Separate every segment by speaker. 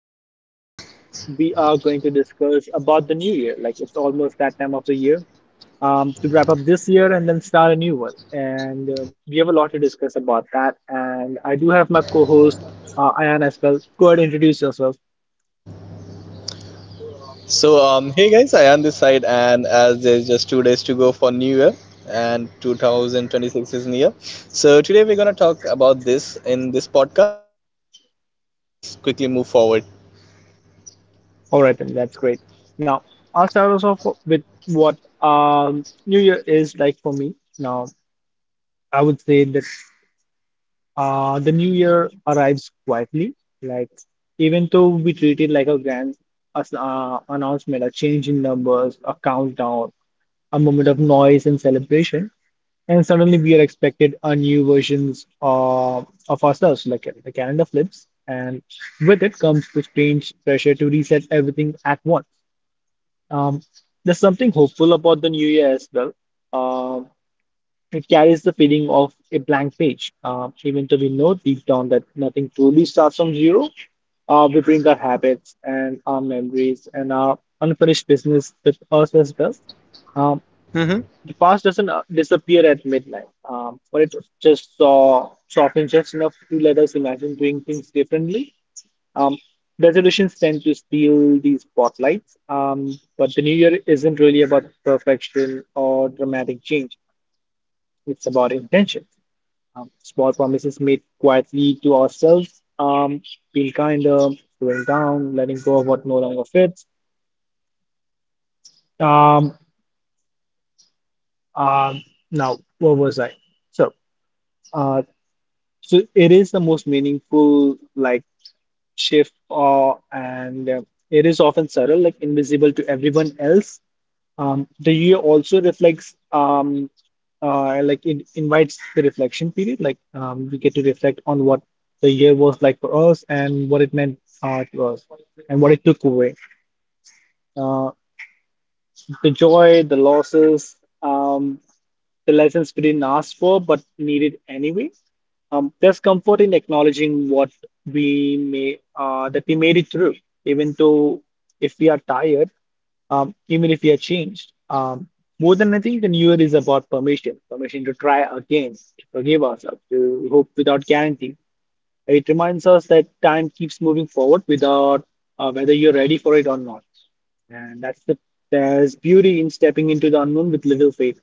Speaker 1: And today we are going to discuss about the new year. Like it's almost that time of the year to wrap up this year and then start a new one. And we have a lot to discuss about that. And I do have my co-host Ayan as well. Go ahead, introduce yourself.
Speaker 2: Hey guys, I am this side, and as there's just 2 days to go for New Year, and 2026 is near. So today we're gonna talk about this in this podcast. So yeah, just let's quickly move forward.
Speaker 1: All right, then that's great. Now, I'll start us off with what New Year is like for me. Now, I would say that the New Year arrives quietly. Like, even though we treat it like a grand announcement, a change in numbers, a countdown, a moment of noise and celebration, and suddenly we are expected a new versions of ourselves. Like, the calendar flips, and with it comes the strange pressure to reset everything at once. Um, there's something hopeful about the new year as well. Um, it carries the feeling of a blank page. Even though we know deep down that nothing truly starts from zero, we bring our habits and our memories and our unfinished business with us as well. Um,
Speaker 2: Mm-hmm.
Speaker 1: the past doesn't disappear at midnight, but it just softens just enough to let us imagine doing things differently um, Resolutions tend to steal these spotlights, but the new year isn't really about perfection or dramatic change. It's about intention. Small promises made quietly to ourselves, being kinder, slowing down, letting go of what no longer fits. Um, um, Now, what was I? So, uh, so it is the most meaningful like shift, and it is often subtle, like invisible to everyone else. The year also like it invites the reflection period. Like we get to reflect on what the year was like for us and what it meant to us and what it took away. Uh, the joy, the losses, um, the lessons we didn't ask for but needed anyway. There's comfort in acknowledging what we may that we made it through, even though if we are tired even if we are changed. More than anything, the new year is about permission, permission to try again, to forgive ourselves, to hope without guarantee. It reminds us that time keeps moving forward without whether you're ready for it or not. And that's the there's beauty in stepping into the unknown with little faith.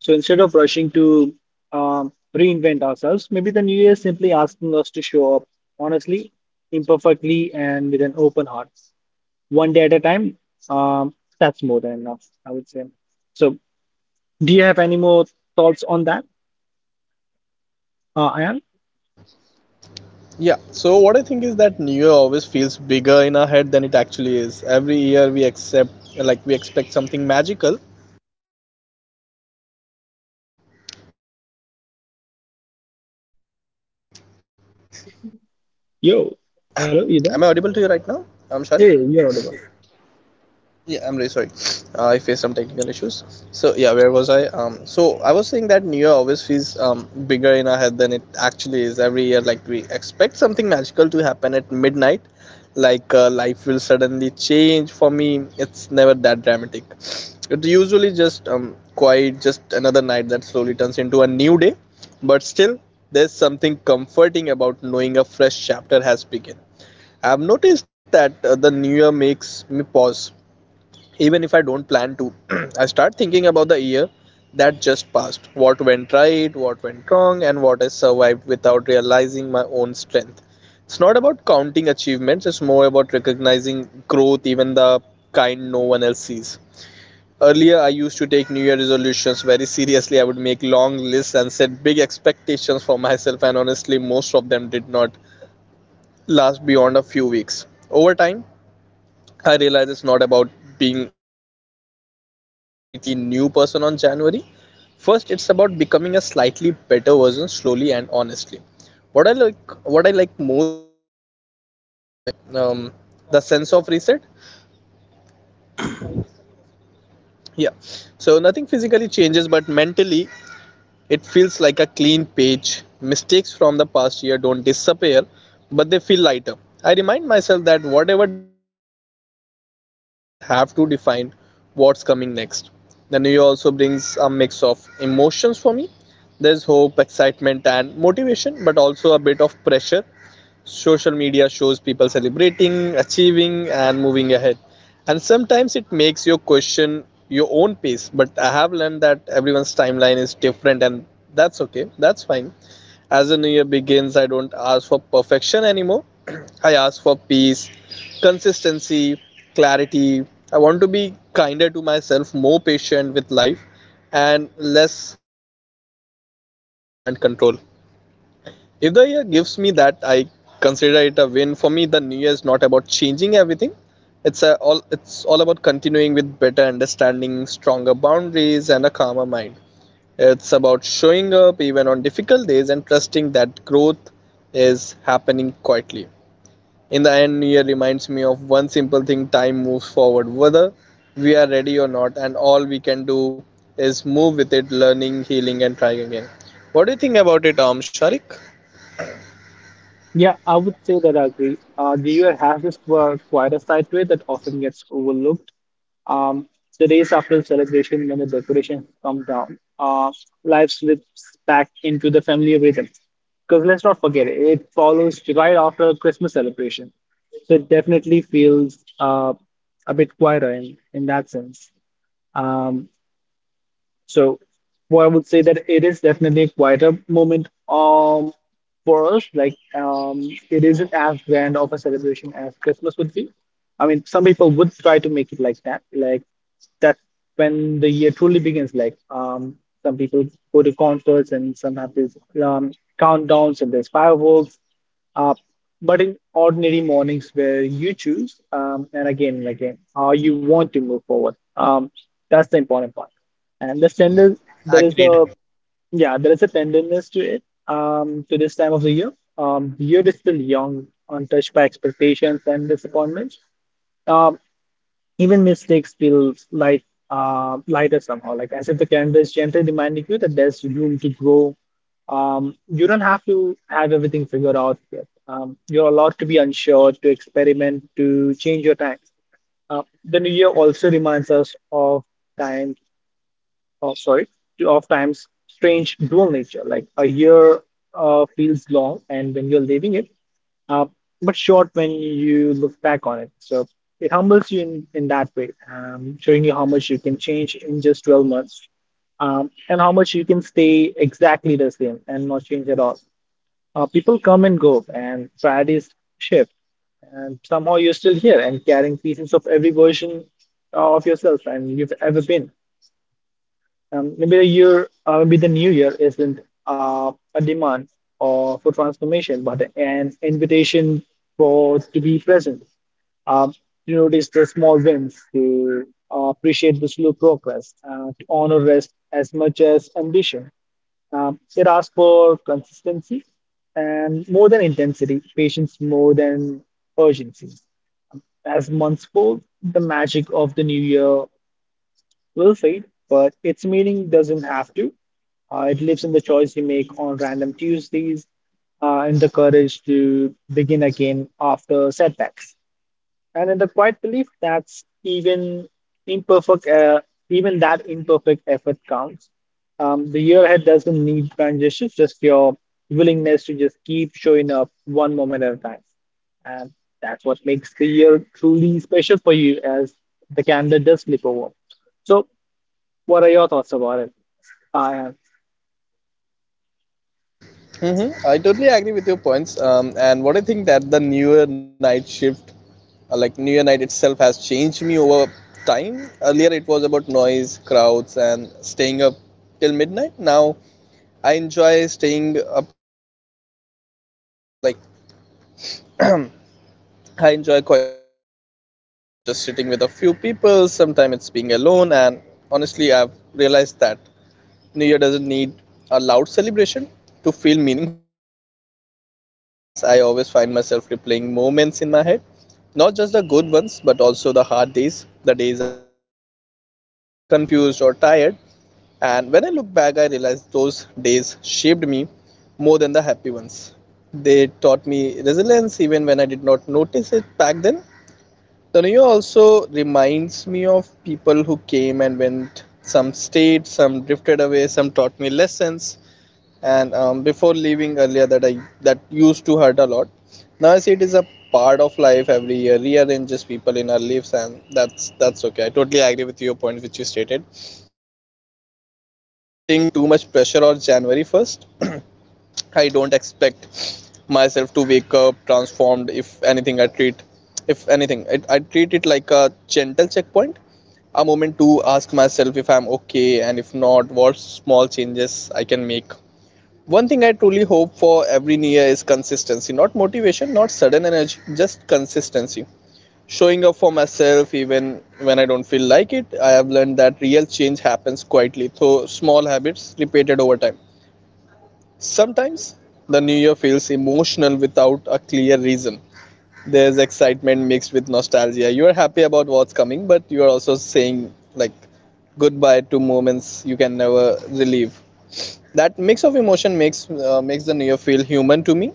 Speaker 1: So instead of rushing to reinvent ourselves, maybe the new year is simply asking us to show up honestly, imperfectly, and with an open heart one day at a time, that's more than enough, I would say. So, do you have any more thoughts on that, Ayan?
Speaker 2: Yeah. So what I think is that New Year always feels bigger in our head than it actually is. Every year we accept, like we expect something magical.
Speaker 1: Yo,
Speaker 2: Am I
Speaker 1: hello, you
Speaker 2: audible to
Speaker 1: there?
Speaker 2: you right now? I'm Sharik.
Speaker 1: Hey, you're audible.
Speaker 2: Yeah, I'm really sorry. I faced some technical issues. So yeah, where was I? So I was saying that New Year always feels bigger in our head than it actually is. Every year, like we expect something magical to happen at midnight, like life will suddenly change. For me, it's never that dramatic. It's usually just quite just another night that slowly turns into a new day. But still, there's something comforting about knowing a fresh chapter has begun. I've noticed that the New Year makes me pause even if I don't plan to. I start thinking about the year that just passed. What went right, what went wrong, and what I survived without realizing my own strength. It's not about counting achievements, it's more about recognizing growth, even the kind no one else sees. Earlier, I used to take New Year resolutions very seriously. I would make long lists and set big expectations for myself, and honestly, most of them did not last beyond a few weeks. Over time, I realize it's not about being like becoming a completely new person on January. First, it's about becoming a slightly better version slowly and honestly. What I like most about the new year is um, the sense of reset. Yeah, so nothing physically changes, but mentally it feels like a clean page. Mistakes from the past year don't disappear, but they feel lighter. I remind myself that whatever did not work out before does not have to define what's coming next. The new year also brings a mix of emotions for me. There's hope, excitement, and motivation, but also a bit of pressure. Social media shows people celebrating, achieving, and moving ahead. And sometimes it makes you question your own pace. But I have learned that everyone's timeline is different, and that's okay. That's fine. As the new year begins, I don't ask for perfection anymore. I ask for peace, consistency, clarity. I want to be kinder to myself, more patient with life, and less harsh about things I can't control. If the year gives me that, I consider it a win. For me, the new year is not about changing everything. All it's all about continuing with better understanding, stronger boundaries, and a calmer mind. It's about showing up even on difficult days and trusting that growth is happening quietly. In the end, New Year reminds me of one simple thing: time moves forward, whether we are ready or not, and all we can do is move with it, learning, healing, and trying again. What do you think about it, Sharik?
Speaker 1: Yeah, I would say that I agree. The UL has this quieter side to it that often gets overlooked. Um, the days after the celebration, when the decorations come down, life slips back into the family rhythm. Because let's not forget it, it follows right after Christmas celebration. So it definitely feels a bit quieter in that sense. Um, so, well, I would say that it is definitely a quieter moment for us. Like it isn't as grand of a celebration as Christmas would be. I mean, some people would try to make it like that. Like that's when the year truly begins. Like some people go to concerts and some have these um, countdowns and there's fireworks. Uh, but in ordinary mornings where you choose, and again, how you want to move forward. That's the important part. And this tender, there is
Speaker 2: Agreed.
Speaker 1: a yeah, there is a tenderness to it. To this time of the year is still young, untouched by expectations and disappointments. Um, even mistakes feel light, lighter somehow, like as if the calendar is gently reminding you that there's room to grow. You don't have to have everything figured out yet. You're allowed to be unsure, to experiment, to change your time. The new year also reminds us of time oh, sorry, of time's strange dual nature. Like a year feels long, and when you're living it, uh, but short when you look back on it. So it humbles you in that way, showing you how much you can change in just 12 months, and how much you can stay exactly the same and not change at all. People come and go, and priorities shift, and somehow you're still here and carrying pieces of every version of yourself and you've ever been. Maybe the new year isn't a demand or for transformation, but an invitation for to be present, um, to notice the small wins, to appreciate the slow progress, to honor rest as much as ambition. It asks for consistency and more than intensity, patience more than urgency. As months fold, the magic of the new year will fade, but its meaning doesn't have to. It lives in the choice you make on random Tuesdays, in the courage to begin again after setbacks, and in the quiet belief that even imperfect, uh, even that imperfect effort counts. The year ahead doesn't need grand gestures, just your willingness to just keep showing up one moment at a time, and that's what makes the year truly special for you, as the calendar does flip over. So what are your thoughts about it? I am.
Speaker 2: Mm-hmm. I totally agree with your points. And what I think that the newer night shift, like newer night itself, has changed me over time. Earlier, it was about noise, crowds, and staying up till midnight. Now, I enjoy staying up till midnight. Now, like I enjoy quieter moments more. Sometimes it's just sitting with a few people. Sometimes it's being alone. And honestly, I've realized that New Year doesn't need a loud celebration to feel meaningful. As the year ends, I always find myself replaying moments in my head, not just the good ones, but also the hard days, the days I felt lost, confused, or tired. And when I look back, I realize those days shaped me more than the happy ones. They taught me resilience even when I did not notice it back then. Tanaya also reminds me of people who came and went. Some stayed, some drifted away, some taught me lessons. And before leaving earlier, that used to hurt a lot. Now I see it is a part of life. Every year rearranges people in our lives, and that's okay. I totally agree with your point which you stated. And I've stopped putting too much pressure on January 1st. I don't expect myself to wake up transformed. If anything, I treat it like a gentle checkpoint, a moment to ask myself if I'm okay and if not, what small changes I can make. One thing I truly hope for every new year is consistency, not motivation, not sudden energy, just consistency. Showing up for myself even when I don't feel like it, I have learned that real change happens quietly through small habits repeated over time. Sometimes the new year feels emotional without a clear reason. There's excitement mixed with nostalgia. You're happy about what's coming, but you're also saying like goodbye to moments you can never relive. That mix of emotion makes makes the new year feel human to me.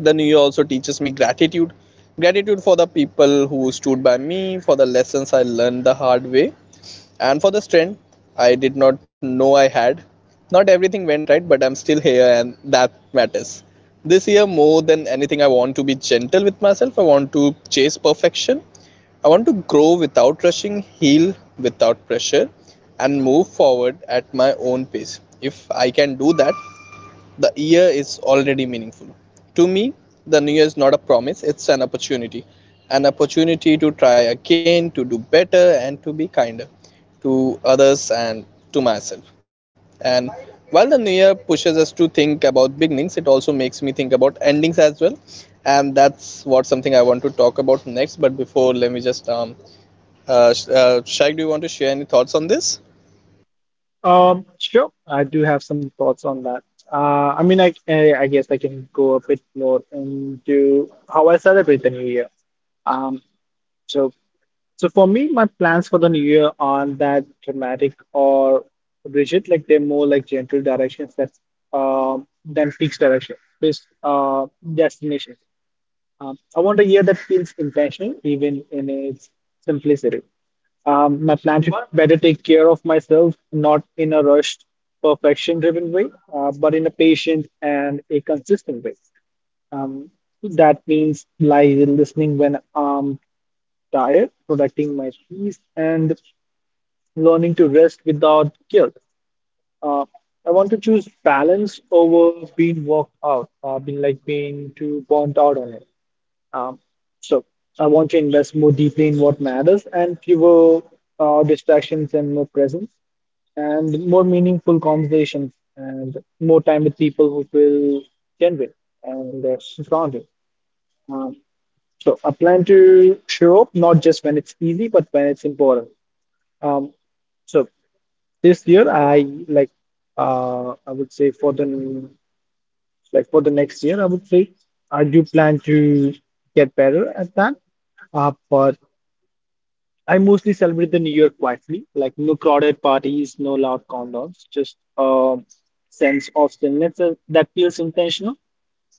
Speaker 2: The new year also teaches me gratitude. Gratitude for the people who stood by me, for the lessons I learned the hard way, and for the strength, I did not know I had. Not everything went right, but I'm still here, and that matters. This year, more than anything, I want to be gentle with myself. I want to chase perfection. I want to grow without rushing, heal without pressure, and move forward at my own pace. If I can do that, the year is already meaningful. To me, the new year is not a promise, it's an opportunity. An opportunity to try again, to do better, and to be kinder to others and to myself. And while the new year pushes us to think about beginnings, it also makes me think about endings as well. And that's what something I want to talk about next. But before, let me just Shaikh, do you want to share any thoughts on this?
Speaker 1: Sure. I do have some thoughts on that. I mean, I guess I can go a bit more into how I celebrate the new year. Um, so so for me, my plans for the new year aren't that dramatic or rigid. Like they're more like gentle directions that than fixed directions, based destinations. I want a year that feels intentional, even in its simplicity. My plan should better take care of myself, not in a rushed, perfection-driven way, but in a patient and a consistent way. Um, that means like listening when I'm tired, protecting my peace, and learning to rest without guilt. Uh, I want to choose balance over being worked out, being like being too burnt out on it. Um, so I want to invest more deeply in what matters and fewer distractions and more presence and more meaningful conversations and more time with people who feel genuine and grounded. Um, I plan to show up not just when it's easy, but when it's important. Um, so this year, I would say for the for the next year, I would say I do plan to get better at that. But I mostly celebrate the New Year quietly, like no crowded parties, no loud countdowns, just a sense of stillness that feels intentional.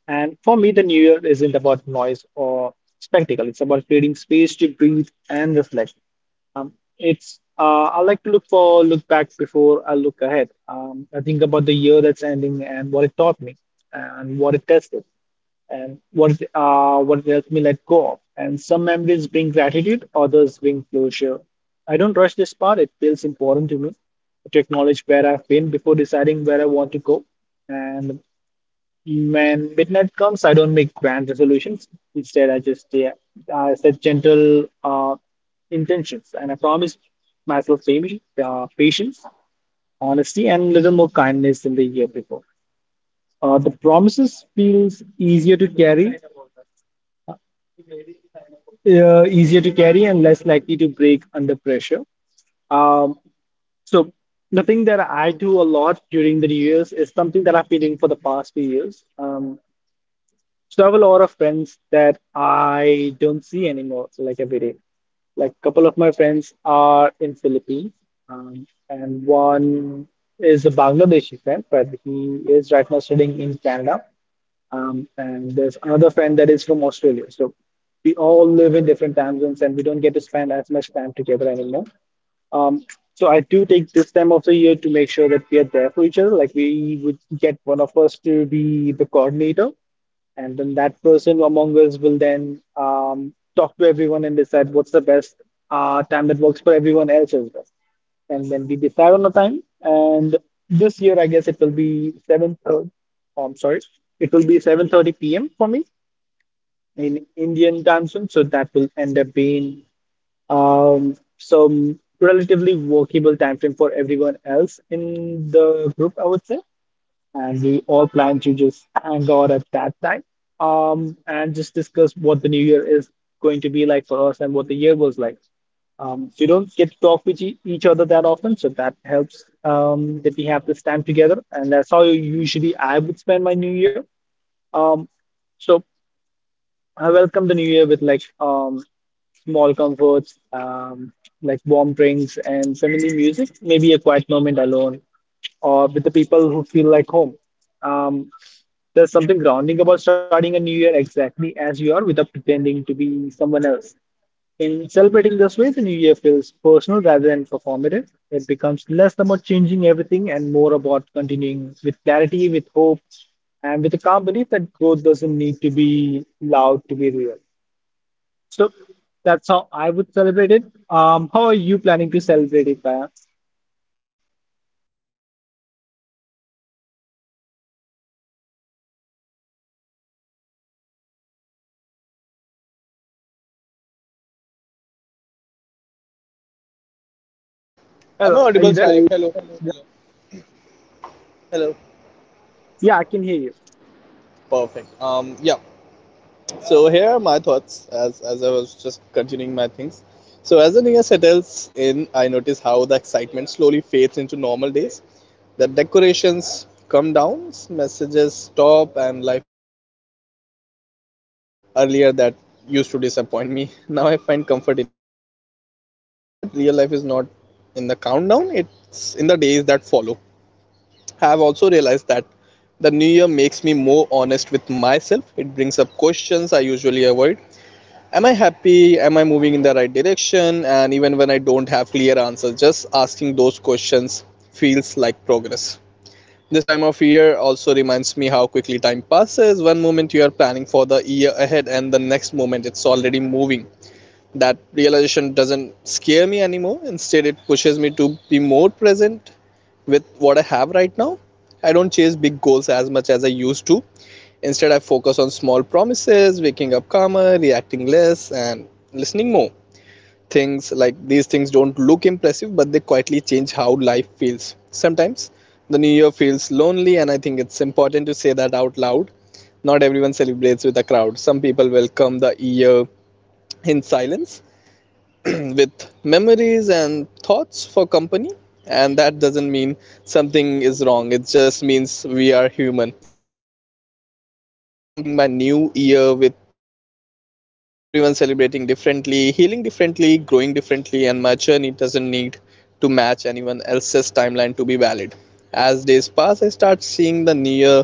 Speaker 1: And for me, the New Year isn't about noise or spectacle. It's about creating space to breathe and reflect. Um, it's I like to look back before I look ahead. I think about the year that's ending and what it taught me, and what it tested, and what it helped me let go of. And some memories bring gratitude, others bring closure. I don't rush this part. It feels important to me to acknowledge where I've been before deciding where I want to go. And when midnight comes, I don't make grand resolutions. Instead, I just yeah, I set gentle intentions, and I promise myself patience, honesty, and a little more kindness than the year before. The promises feels easier to carry, uh, and less likely to break under pressure. Um, so the thing that I do a lot during the New Year's is something that I've been doing for the past few years. So I have a lot of friends that I don't see anymore, so like every day. Like a couple of my friends are in Philippines, and one is a Bangladeshi friend, but he is right now studying in Canada. And there's another friend that is from Australia. So we all live in different time zones and we don't get to spend as much time together anymore. Um, so I do take this time of the year to make sure that we are there for each other. Like we would get one of us to be the coordinator, and then that person among us will then talk to everyone and decide what's the best time that works for everyone else as well. And then we decide on a time. And this year, I guess it will be 7:30. Oh, I'm sorry, it will be 7:30 p.m. for me in Indian time zone. So that will end up being relatively workable time frame for everyone else in the group, I would say. And we all plan to just hang out at that time, and just discuss what the new year is going to be like for us and what the year was like. We don't get to talk with each other that often, so that helps that we have this time together, and that's how usually I would spend my new year. Um, so I welcome the new year with like small comforts, like warm drinks and family music, maybe a quiet moment alone or with the people who feel like home. Um, there's something grounding about starting a new year exactly as you are without pretending to be someone else. In celebrating this way, the new year feels personal rather than performative. It becomes less about changing everything and more about continuing with clarity, with hope, and with a calm belief that growth doesn't need to be loud to be real. So that's how I would celebrate it. How are you planning to celebrate it, Kaya?
Speaker 2: Am I
Speaker 1: Hello, are
Speaker 2: audible,
Speaker 1: you there? Well,
Speaker 2: Sharik? Hello. Hello.
Speaker 1: yeah, I can hear you.
Speaker 2: Perfect. Yeah. So here are my thoughts as I was just continuing my things. So as the year settles in, I notice how the excitement slowly fades into normal days. The decorations come down, messages stop, and life quickly returns to routine. Earlier that used to disappoint me. Now I find comfort in it. Reminds me that real life is not in the countdown, it's in the days that follow. I have also realized that the new year makes me more honest with myself. It brings up questions I usually avoid. Am I happy? Am I moving in the right direction? And even when I don't have clear answers, just asking those questions feels like progress. This time of year also reminds me how quickly time passes. One moment you are planning for the year ahead, and the next moment it's already moving. That realization doesn't scare me anymore. Instead, it pushes me to be more present with what I have right now. I don't chase big goals as much as I used to. Instead, I focus on small promises, waking up calmer, reacting less, and listening more. Things like these things don't look impressive, but they quietly change how life feels. Sometimes the new year feels lonely, and I think it's important to say that out loud. Not everyone celebrates with a crowd. Some people welcome the year in silence, with memories and thoughts for company, and that doesn't mean something is wrong. It just means we are human. I've learned to stop comparing my new year with others. Everyone celebrating differently, healing differently, growing differently, and my journey doesn't need to match anyone else's timeline to be valid. As days pass, I start seeing the new year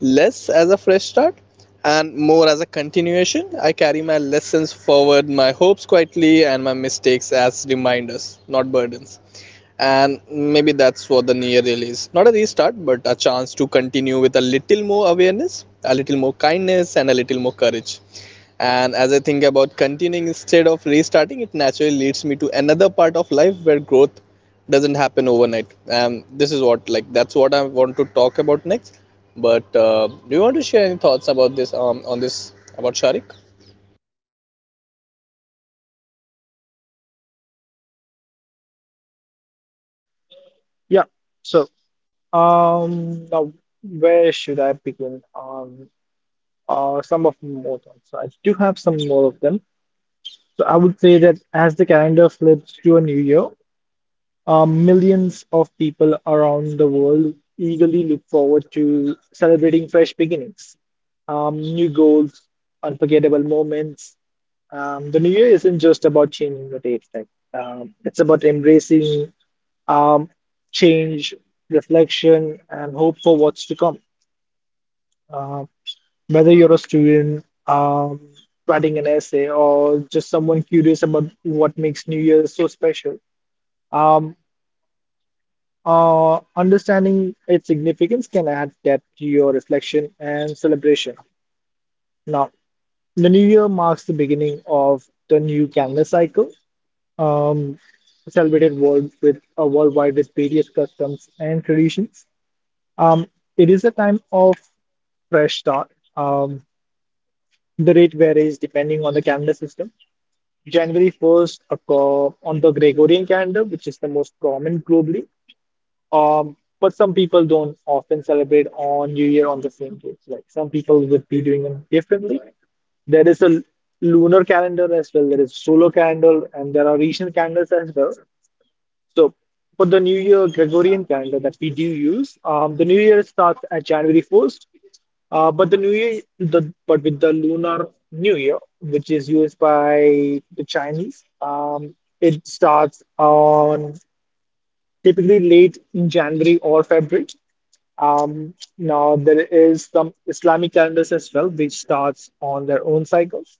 Speaker 2: less as a fresh start and more as a continuation. I carry my lessons forward, my hopes quietly, and my mistakes as reminders, not burdens. And maybe that's what the new year really is. Not a restart, but a chance to continue with a little more awareness, a little more kindness, and a little more courage. And as I think about continuing instead of restarting, it naturally leads me to another part of life where growth doesn't happen overnight. This is what like that's what I want to talk about next. But do you want to share any thoughts about this on this about Sharik?
Speaker 1: Yeah. So, now where should I begin? Some of more thoughts. So I do have some more of them. So I would say that as the calendar flips to a new year, millions of people around the world eagerly look forward to celebrating fresh beginnings, new goals, unforgettable moments. The new year isn't just about changing the date, like, it's about embracing um, change, reflection, and hope for what's to come. Uh, whether you're a student writing an essay or just someone curious about what makes New Year so special, um, understanding its significance can add depth to your reflection and celebration. Now, the new year marks the beginning of the new calendar cycle, um, celebrated worldwide with various customs and traditions. Um, it is a time of fresh start. The rate varies depending on the calendar system. January 1st occur on the Gregorian calendar, which is the most common globally. But some people don't often celebrate on New Year on the same day. Like some people would be doing it differently. There is a lunar calendar as well. There is solar calendar, and there are regional calendars as well. So for the New Year Gregorian calendar that we do use, the New Year starts at January 1st. But the New Year, the but with the Lunar New Year, which is used by the Chinese, it starts on typically late in January or February. Now there is some Islamic calendars as well, which starts on their own cycles,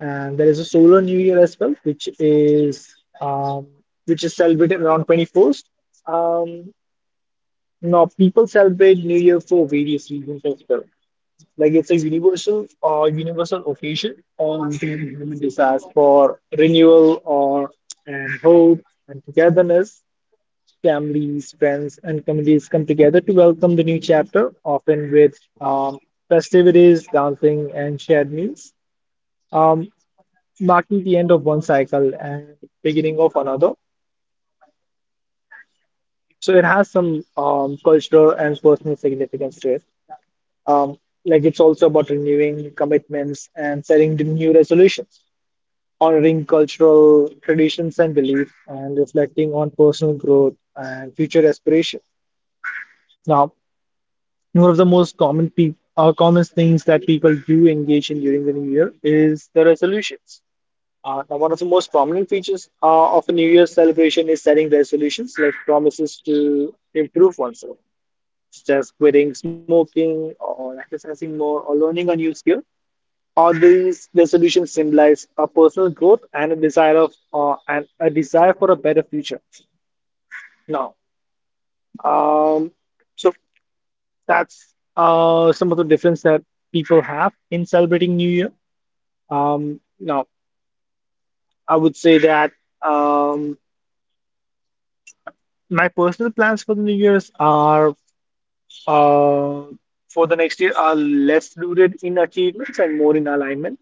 Speaker 1: and there is a solar new year as well, which is celebrated around 21st. Um, Now people celebrate New Year for various reasons as well. Like it's a universal or universal occasion on human desires for renewal or and hope and togetherness families, friends, and communities come together to welcome the new chapter, often with um, festivities, dancing, and shared meals, um, marking the end of one cycle and beginning of another. So it has some cultural and personal significance to it. Um, like it's also about renewing commitments and setting the new resolutions, honoring cultural traditions and beliefs, and reflecting on personal growth and future aspirations. Now, one of the most common peop common things that people do engage in during the new year is the resolutions. Now, one of the most prominent features of a new year's celebration is setting resolutions, like promises to improve oneself, such as quitting smoking or exercising more or learning a new skill. All these resolutions symbolize a personal growth and a desire of and a desire for a better future. Now, um, so that's some of the difference that people have in celebrating New Year. Now, I would say that um, my personal plans for the New Year's are uh, for the next year are less rooted in achievements and more in alignment.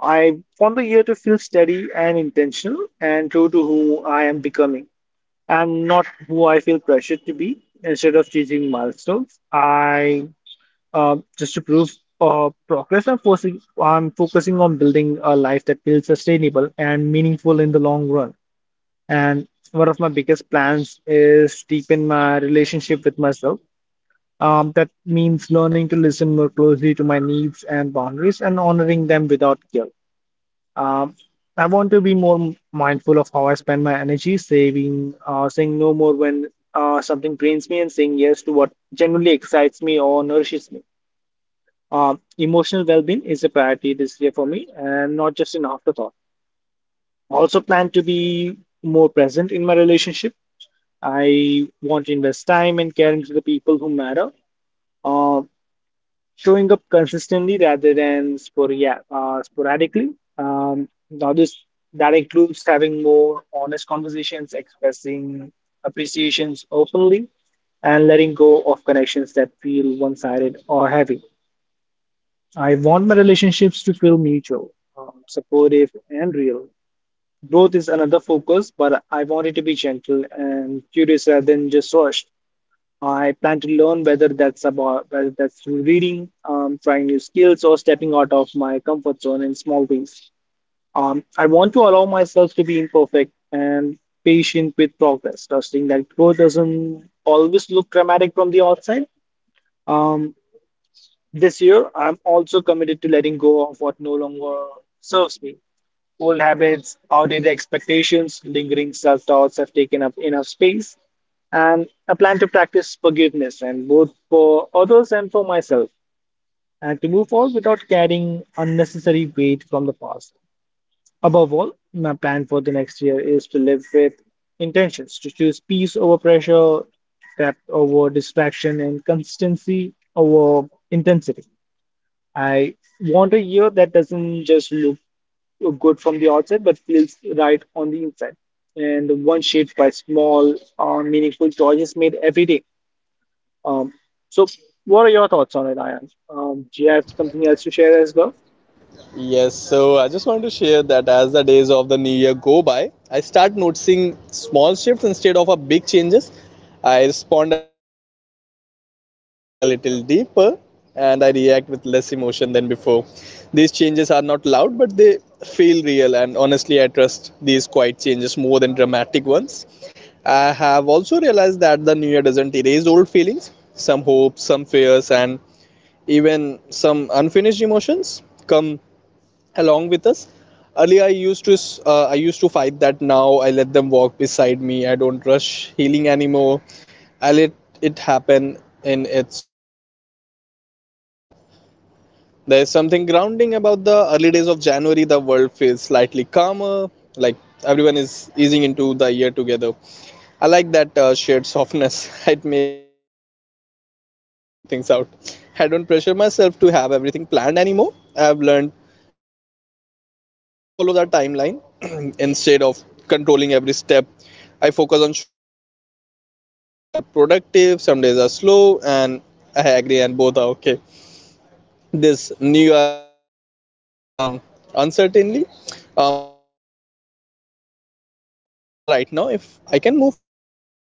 Speaker 1: I want the year to feel steady and intentional and true to who I am becoming and not who I feel pressured to be instead of chasing milestones. I Just to prove progress, I'm focusing on building a life that feels sustainable and meaningful in the long run. And one of my biggest plans is deepen my relationship with myself. That means learning to listen more closely to my needs and boundaries and honoring them without guilt. Um, I want to be more mindful of how I spend my energy, saying no more when something drains me, and saying yes to what genuinely excites me or nourishes me. Emotional well-being is a priority this year for me and not just an afterthought. Also plan to be more present in my relationship. I want to invest time and care into the people who matter, uh, showing up consistently rather than sporia sporadically. Now this that includes having more honest conversations, expressing appreciations openly, and letting go of connections that feel one-sided or heavy. I want my relationships to feel mutual, supportive, and real. Growth is another focus, but I want it to be gentle and curious rather than just rushed. I plan to learn whether that's through reading, trying new skills, or stepping out of my comfort zone in small ways. I want to allow myself to be imperfect and patient with progress, trusting that growth doesn't always look dramatic from the outside. Um, this year, I'm also committed to letting go of what no longer serves me. Old habits, outdated expectations, lingering self doubts have taken up enough space. And I plan to practice forgiveness, and both for others and for myself, and to move forward without carrying unnecessary weight from the past. Above all, my plan for the next year is to live with intentions, to choose peace over pressure, depth over distraction, and consistency over intensity. I want a year that doesn't just look good from the outside, but feels right on the inside. And one shaped by small, meaningful choices made every day. Um, so, what are your thoughts on it, Ayan? Do you have something else to share as well?
Speaker 2: Yes, so I just wanted to share that as the days of the new year go by, I start noticing small shifts instead of a big changes. I respond a little slower, I think a little deeper, and I react with less emotion than before. These changes are not loud, but they feel real, and honestly, I trust these quiet changes more than dramatic ones. I have also realized that the new year doesn't erase old feelings, some hopes, some fears, and even some unfinished emotions come along with us. Earlier I used to I used to fight that. Now I let them walk beside me. I don't rush healing anymore. I let it happen in its own time. There is something grounding about the early days of January. The world feels slightly calmer, like everyone is easing into the year together. I like that shared softness. It makes me feel less alone in figuring things out. I don't pressure myself to have everything planned anymore. I've learned that life rarely follows a timeline. Instead of controlling every step, I focus on showing up honestly. Some days are productive, some days are slow, and I agree, and both are okay. This new year I've made peace with uncertainty. Uncertainty, and I don't need all the answer right now. If I can move forward with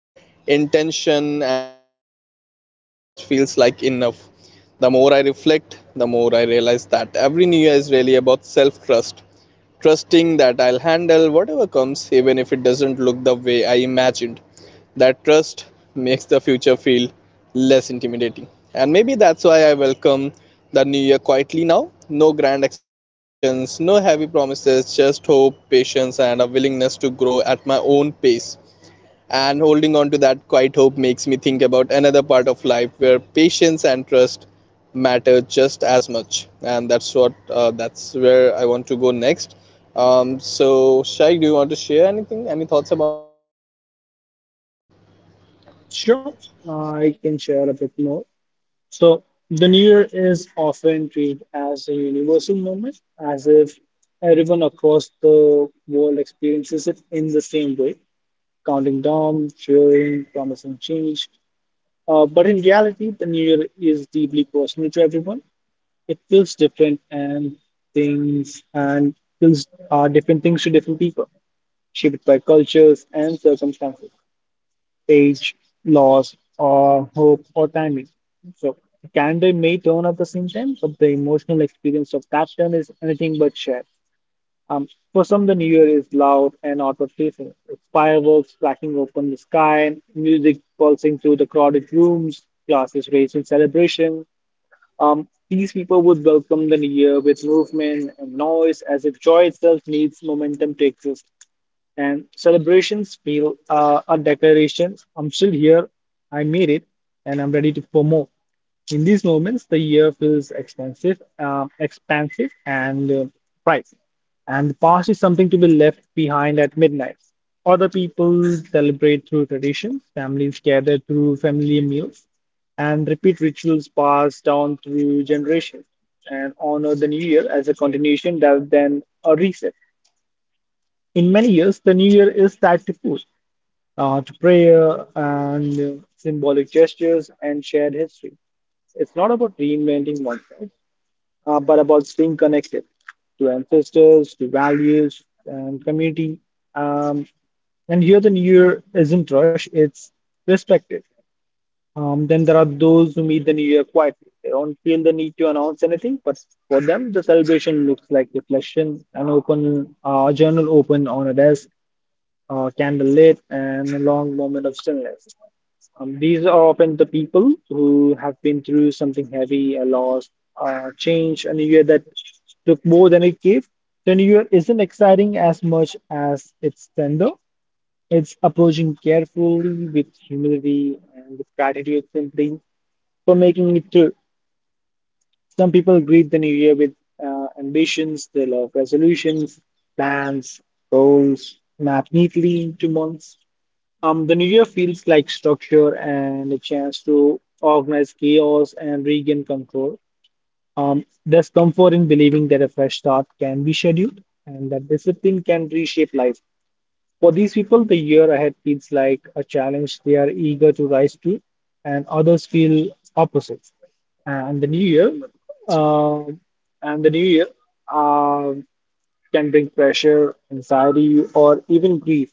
Speaker 2: intention and stay true to myself, that feels like enough. The more I reflect, the more I realize that every new year is really about self trust, trusting that I'll handle whatever comes even if it doesn't look the way I imagined. That trust makes the future feel less intimidating. And maybe that's why I welcome the new year quietly now. No grand expectations, no heavy promises, just hope, patience, and a willingness to grow at my own pace. And holding on to that quiet hope makes me think about another part of life where patience and trust matter just as much. And that's what that's where I want to go next. Shai, do you want to share anything? Any thoughts about it?
Speaker 1: Sure, I can share a bit more. So, the New Year is often treated as a universal moment, as if everyone across the world experiences it in the same way counting down, cheering, promising change. But in reality, the new year is deeply personal to everyone. It feels different and things and feels are different things to different people, shaped by cultures and circumstances, age, loss, or hope or timing. So the calendar may turn at the same time, but the emotional experience of that turn is anything but shared. Um, for some, the New Year is loud and outward facing, with fireworks cracking open the sky, music pulsing through the crowded rooms, glasses raised in celebration. These people would welcome the New Year with movement and noise as if joy itself needs momentum to exist and celebrations feel a declaration, I'm still here, I made it, and I'm ready to for more. In these moments the year feels expensive expansive and bright, and the past is something to be left behind at midnight. Other people celebrate through traditions, families gather through family meals and repeat rituals passed down through generations and honor the new year as a continuation rather than a reset. In many years, the new year is tied to food, to prayer, and symbolic gestures and shared history. It's not about reinventing oneself, but about staying connected to ancestors, to values, and community. Um, and here the new year isn't rush, it's respected. Then there are those who meet the new year quietly. They don't feel the need to announce anything, but for them, the celebration looks like reflection, an open journal open on a desk, candlelit, and a long moment of stillness. These are often the people who have been through something heavy, a loss, a change, a new year that took more than it gave. The new year isn't exciting as much as its tender. It's approaching carefully with humility and with gratitude simply for making it through. Some people greet the new year with ambitions, they love resolutions, plans, goals mapped neatly into months. The new year feels like structure and a chance to organize chaos and regain control. There's comfort in believing that a fresh start can be scheduled and that discipline can reshape life. For these people, the year ahead feels like a challenge they are eager to rise to, and others feel opposite. And the new year, um, and the new year, um can bring pressure, anxiety, or even grief.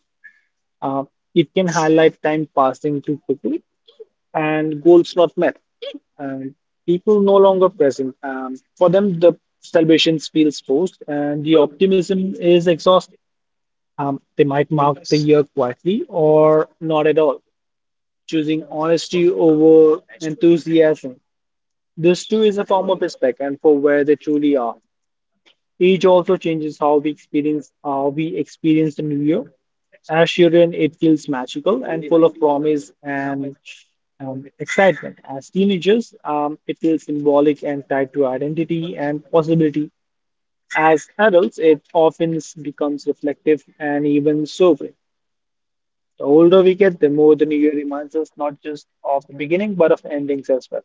Speaker 1: Uh, it can highlight time passing too quickly and goals not met. And people no longer present. For them, the celebration feels forced and the optimism is exhausted. They might mark the year quietly or not at all, choosing honesty over enthusiasm. This too is a form of respect and for where they truly are. Age also changes how we experience the new year. As children, it feels magical and full of promise and excitement. As teenagers, it feels symbolic and tied to identity and possibility. As adults, it often becomes reflective and even sobering. The older we get, the more the new year reminds us not just of the beginning, but of endings as well,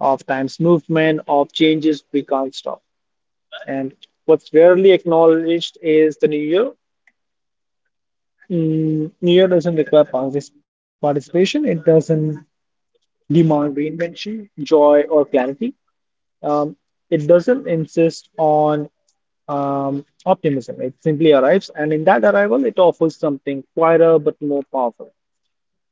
Speaker 1: of time's movement, of changes we can't stop. And what's rarely acknowledged is the New Year. Mm, New Year doesn't require participation, it doesn't demand reinvention, joy, or clarity. Um, it doesn't insist on optimism. It simply arrives, and in that arrival, it offers something quieter but more powerful,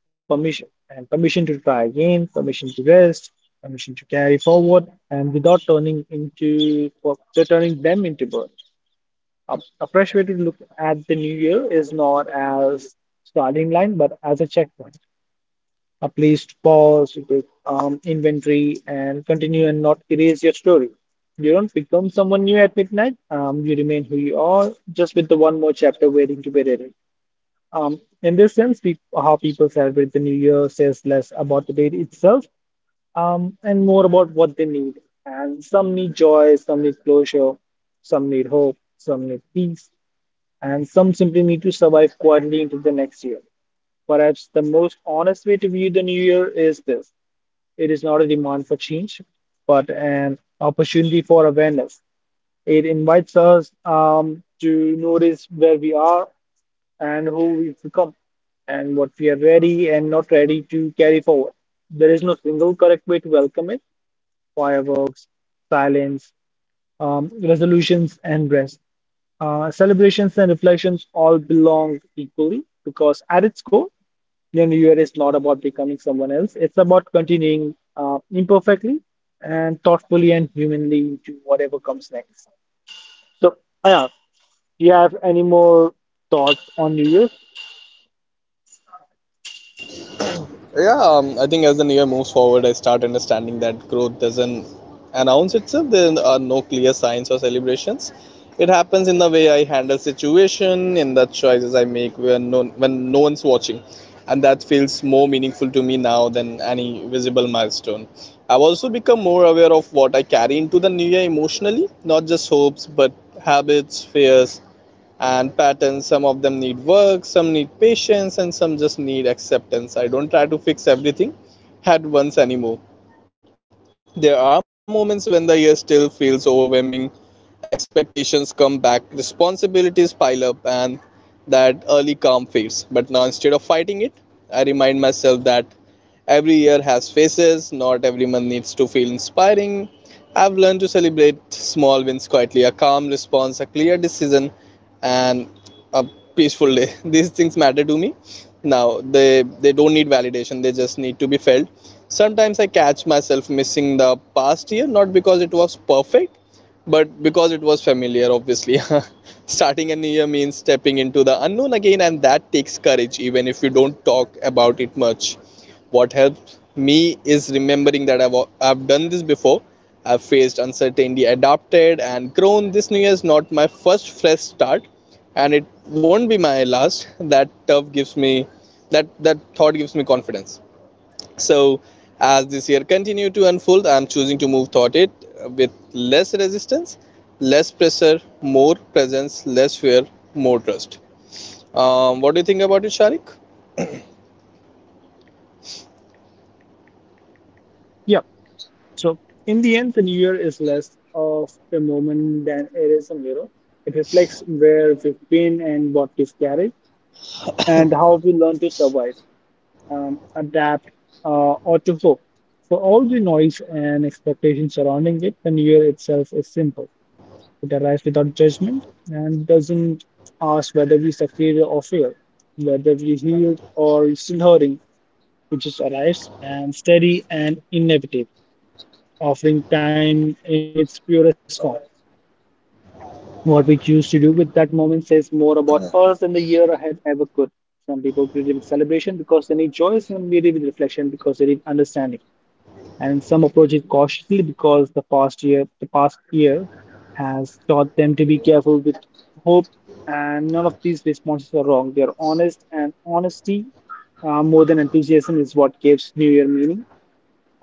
Speaker 1: permission and permission to try again, permission to rest, permission to carry forward, and without turning them into burden. A fresh way to look at the new year is not as starting line, but as a checkpoint, a place to pause, to take inventory, and continue and not erase your story. You don't become someone new at midnight. You remain who you are, just with the one more chapter waiting to be written. In this sense, peop how people celebrate the new year says less about the date itself, and more about what they need. And some need joy, some need closure, some need hope, some need peace, and some simply need to survive quietly into the next year. Perhaps the most honest way to view the new year is this, it is not a demand for change, but an opportunity for awareness. It invites us to notice where we are and who we've become, and what we are ready and not ready to carry forward. There is no single correct way to welcome it. Fireworks, silence, resolutions and rest. Celebrations and reflections all belong equally because at its core, the new year is not about becoming someone else. It's about continuing imperfectly and thoughtfully and humanly to whatever comes next. So, yeah, do you have any more thoughts on New Year?
Speaker 2: Yeah, I think as the year moves forward, I start understanding that growth doesn't announce itself. There are no clear signs or celebrations. It happens in the way I handle situation, in the choices I make when no one's watching, and that feels more meaningful to me now than any visible milestone. I've also become more aware of what I carry into the new year emotionally, not just hopes, but habits, fears, and patterns. Some of them need work, some need patience, and some just need acceptance. I don't try to fix everything at once anymore. There are moments when the year still feels overwhelming. Expectations come back, responsibilities pile up, and that early calm fades. But now, instead of fighting it, I remind myself that every year has faces, not every month needs to feel inspiring. I've learned to celebrate small wins quietly, a calm response, a clear decision, and a peaceful day. These things matter to me now. They don't need validation, they just need to be felt. Sometimes I catch myself missing the past year, not because it was perfect, but because it was familiar, obviously. Starting a new year means stepping into the unknown again, and that takes courage, even if you don't talk about it much. What helps me is remembering that I've done this before. I've faced uncertainty, adapted, and grown. This new year is not my first fresh start, and it won't be my last. That thought gives me confidence. So, as this year continues to unfold, I'm choosing to move toward it with less resistance, less pressure, more presence, less fear, more trust. What do you think about it, Sharik?
Speaker 1: Yeah. So, in the end, the New Year is less of a moment than it is a mirror. It reflects where we've been and what we've carried and how we learn to survive, adapt, or to hope. For all the noise and expectations surrounding it, the new year itself is simple. It arrives without judgment and doesn't ask whether we succeeded or failed, whether we healed or still hurting. It just arrives and steady and inevitable, offering time in its purest form. What we choose to do with that moment says more about us than the year ahead ever could. Some people greet it with celebration because they need joy, some greet it with reflection because they need understanding. And some approach it cautiously because the past year has taught them to be careful with hope. And none of these responses are wrong, they are honest, and honesty, more than enthusiasm, is what gives new year meaning.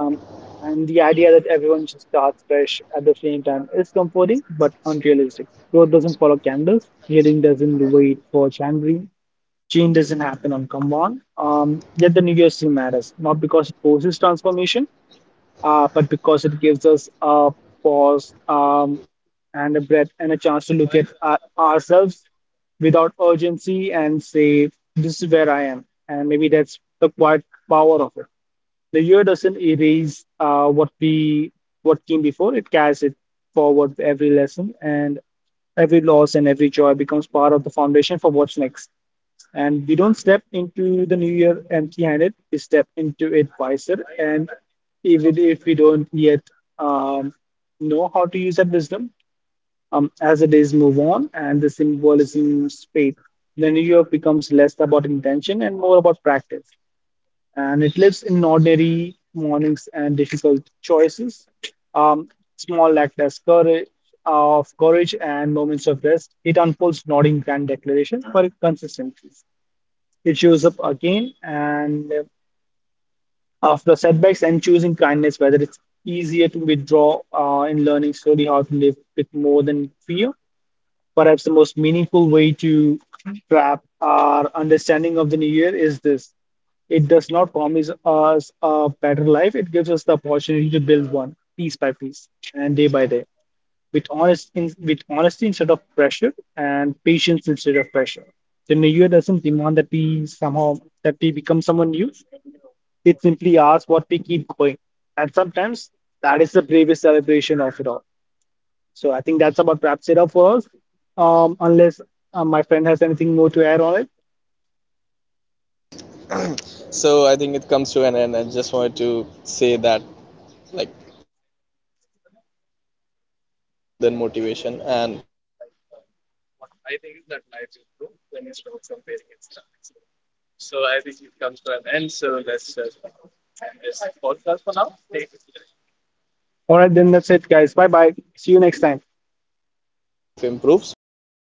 Speaker 1: Um, and the idea that everyone should start fresh at the same time is comforting but unrealistic. Growth doesn't follow candles, healing doesn't wait for January, change doesn't happen on command. Yet the new year still matters, not because it forces transformation, but because it gives us a pause, and a breath and a chance to look at ourselves without urgency and say, this is where I am. And maybe that's the quiet power of it. The year doesn't erase what came before. It carries it forward, with every lesson and every loss and every joy becomes part of the foundation for what's next. And we don't step into the new year empty-handed. We step into it wiser.
Speaker 2: Bhai,
Speaker 1: And
Speaker 2: itna बेहतरीन
Speaker 1: even if
Speaker 2: topic भी.
Speaker 1: we don't yet um, know how to use that wisdom, as the days move on and the symbolism fades, the new year becomes less about intention and more about practice, and it lives in ordinary mornings and difficult choices. Um, small act as courage of courage and moments of rest. It unfolds not in grand declarations, but consistently. It shows up again and after setbacks and choosing kindness, whether it's easier to withdraw, in learning slowly how to live with more than fear. Perhaps the most meaningful way to wrap our understanding of the new year is this. It does not promise us a better life, it gives us the opportunity to build one piece by piece and day by day with with honesty instead of pressure and patience instead of pressure. The new year doesn't demand that we somehow that we become someone new. It simply asks what we keep going. And sometimes that is the bravest celebration of it all. So I think that's about wraps it up for us. Unless my friend has anything more to add on it.
Speaker 2: So I think it comes to an end. I just wanted to say that, like, what I learned is that consistency matters more than motivation, and like, um, what I think is that life improves when you stop comparing and start accepting. So I think it comes to an end. So let's just end this podcast for now. Stay tuned, guys.
Speaker 1: All right, then that's it, guys. Bye bye. See you next time.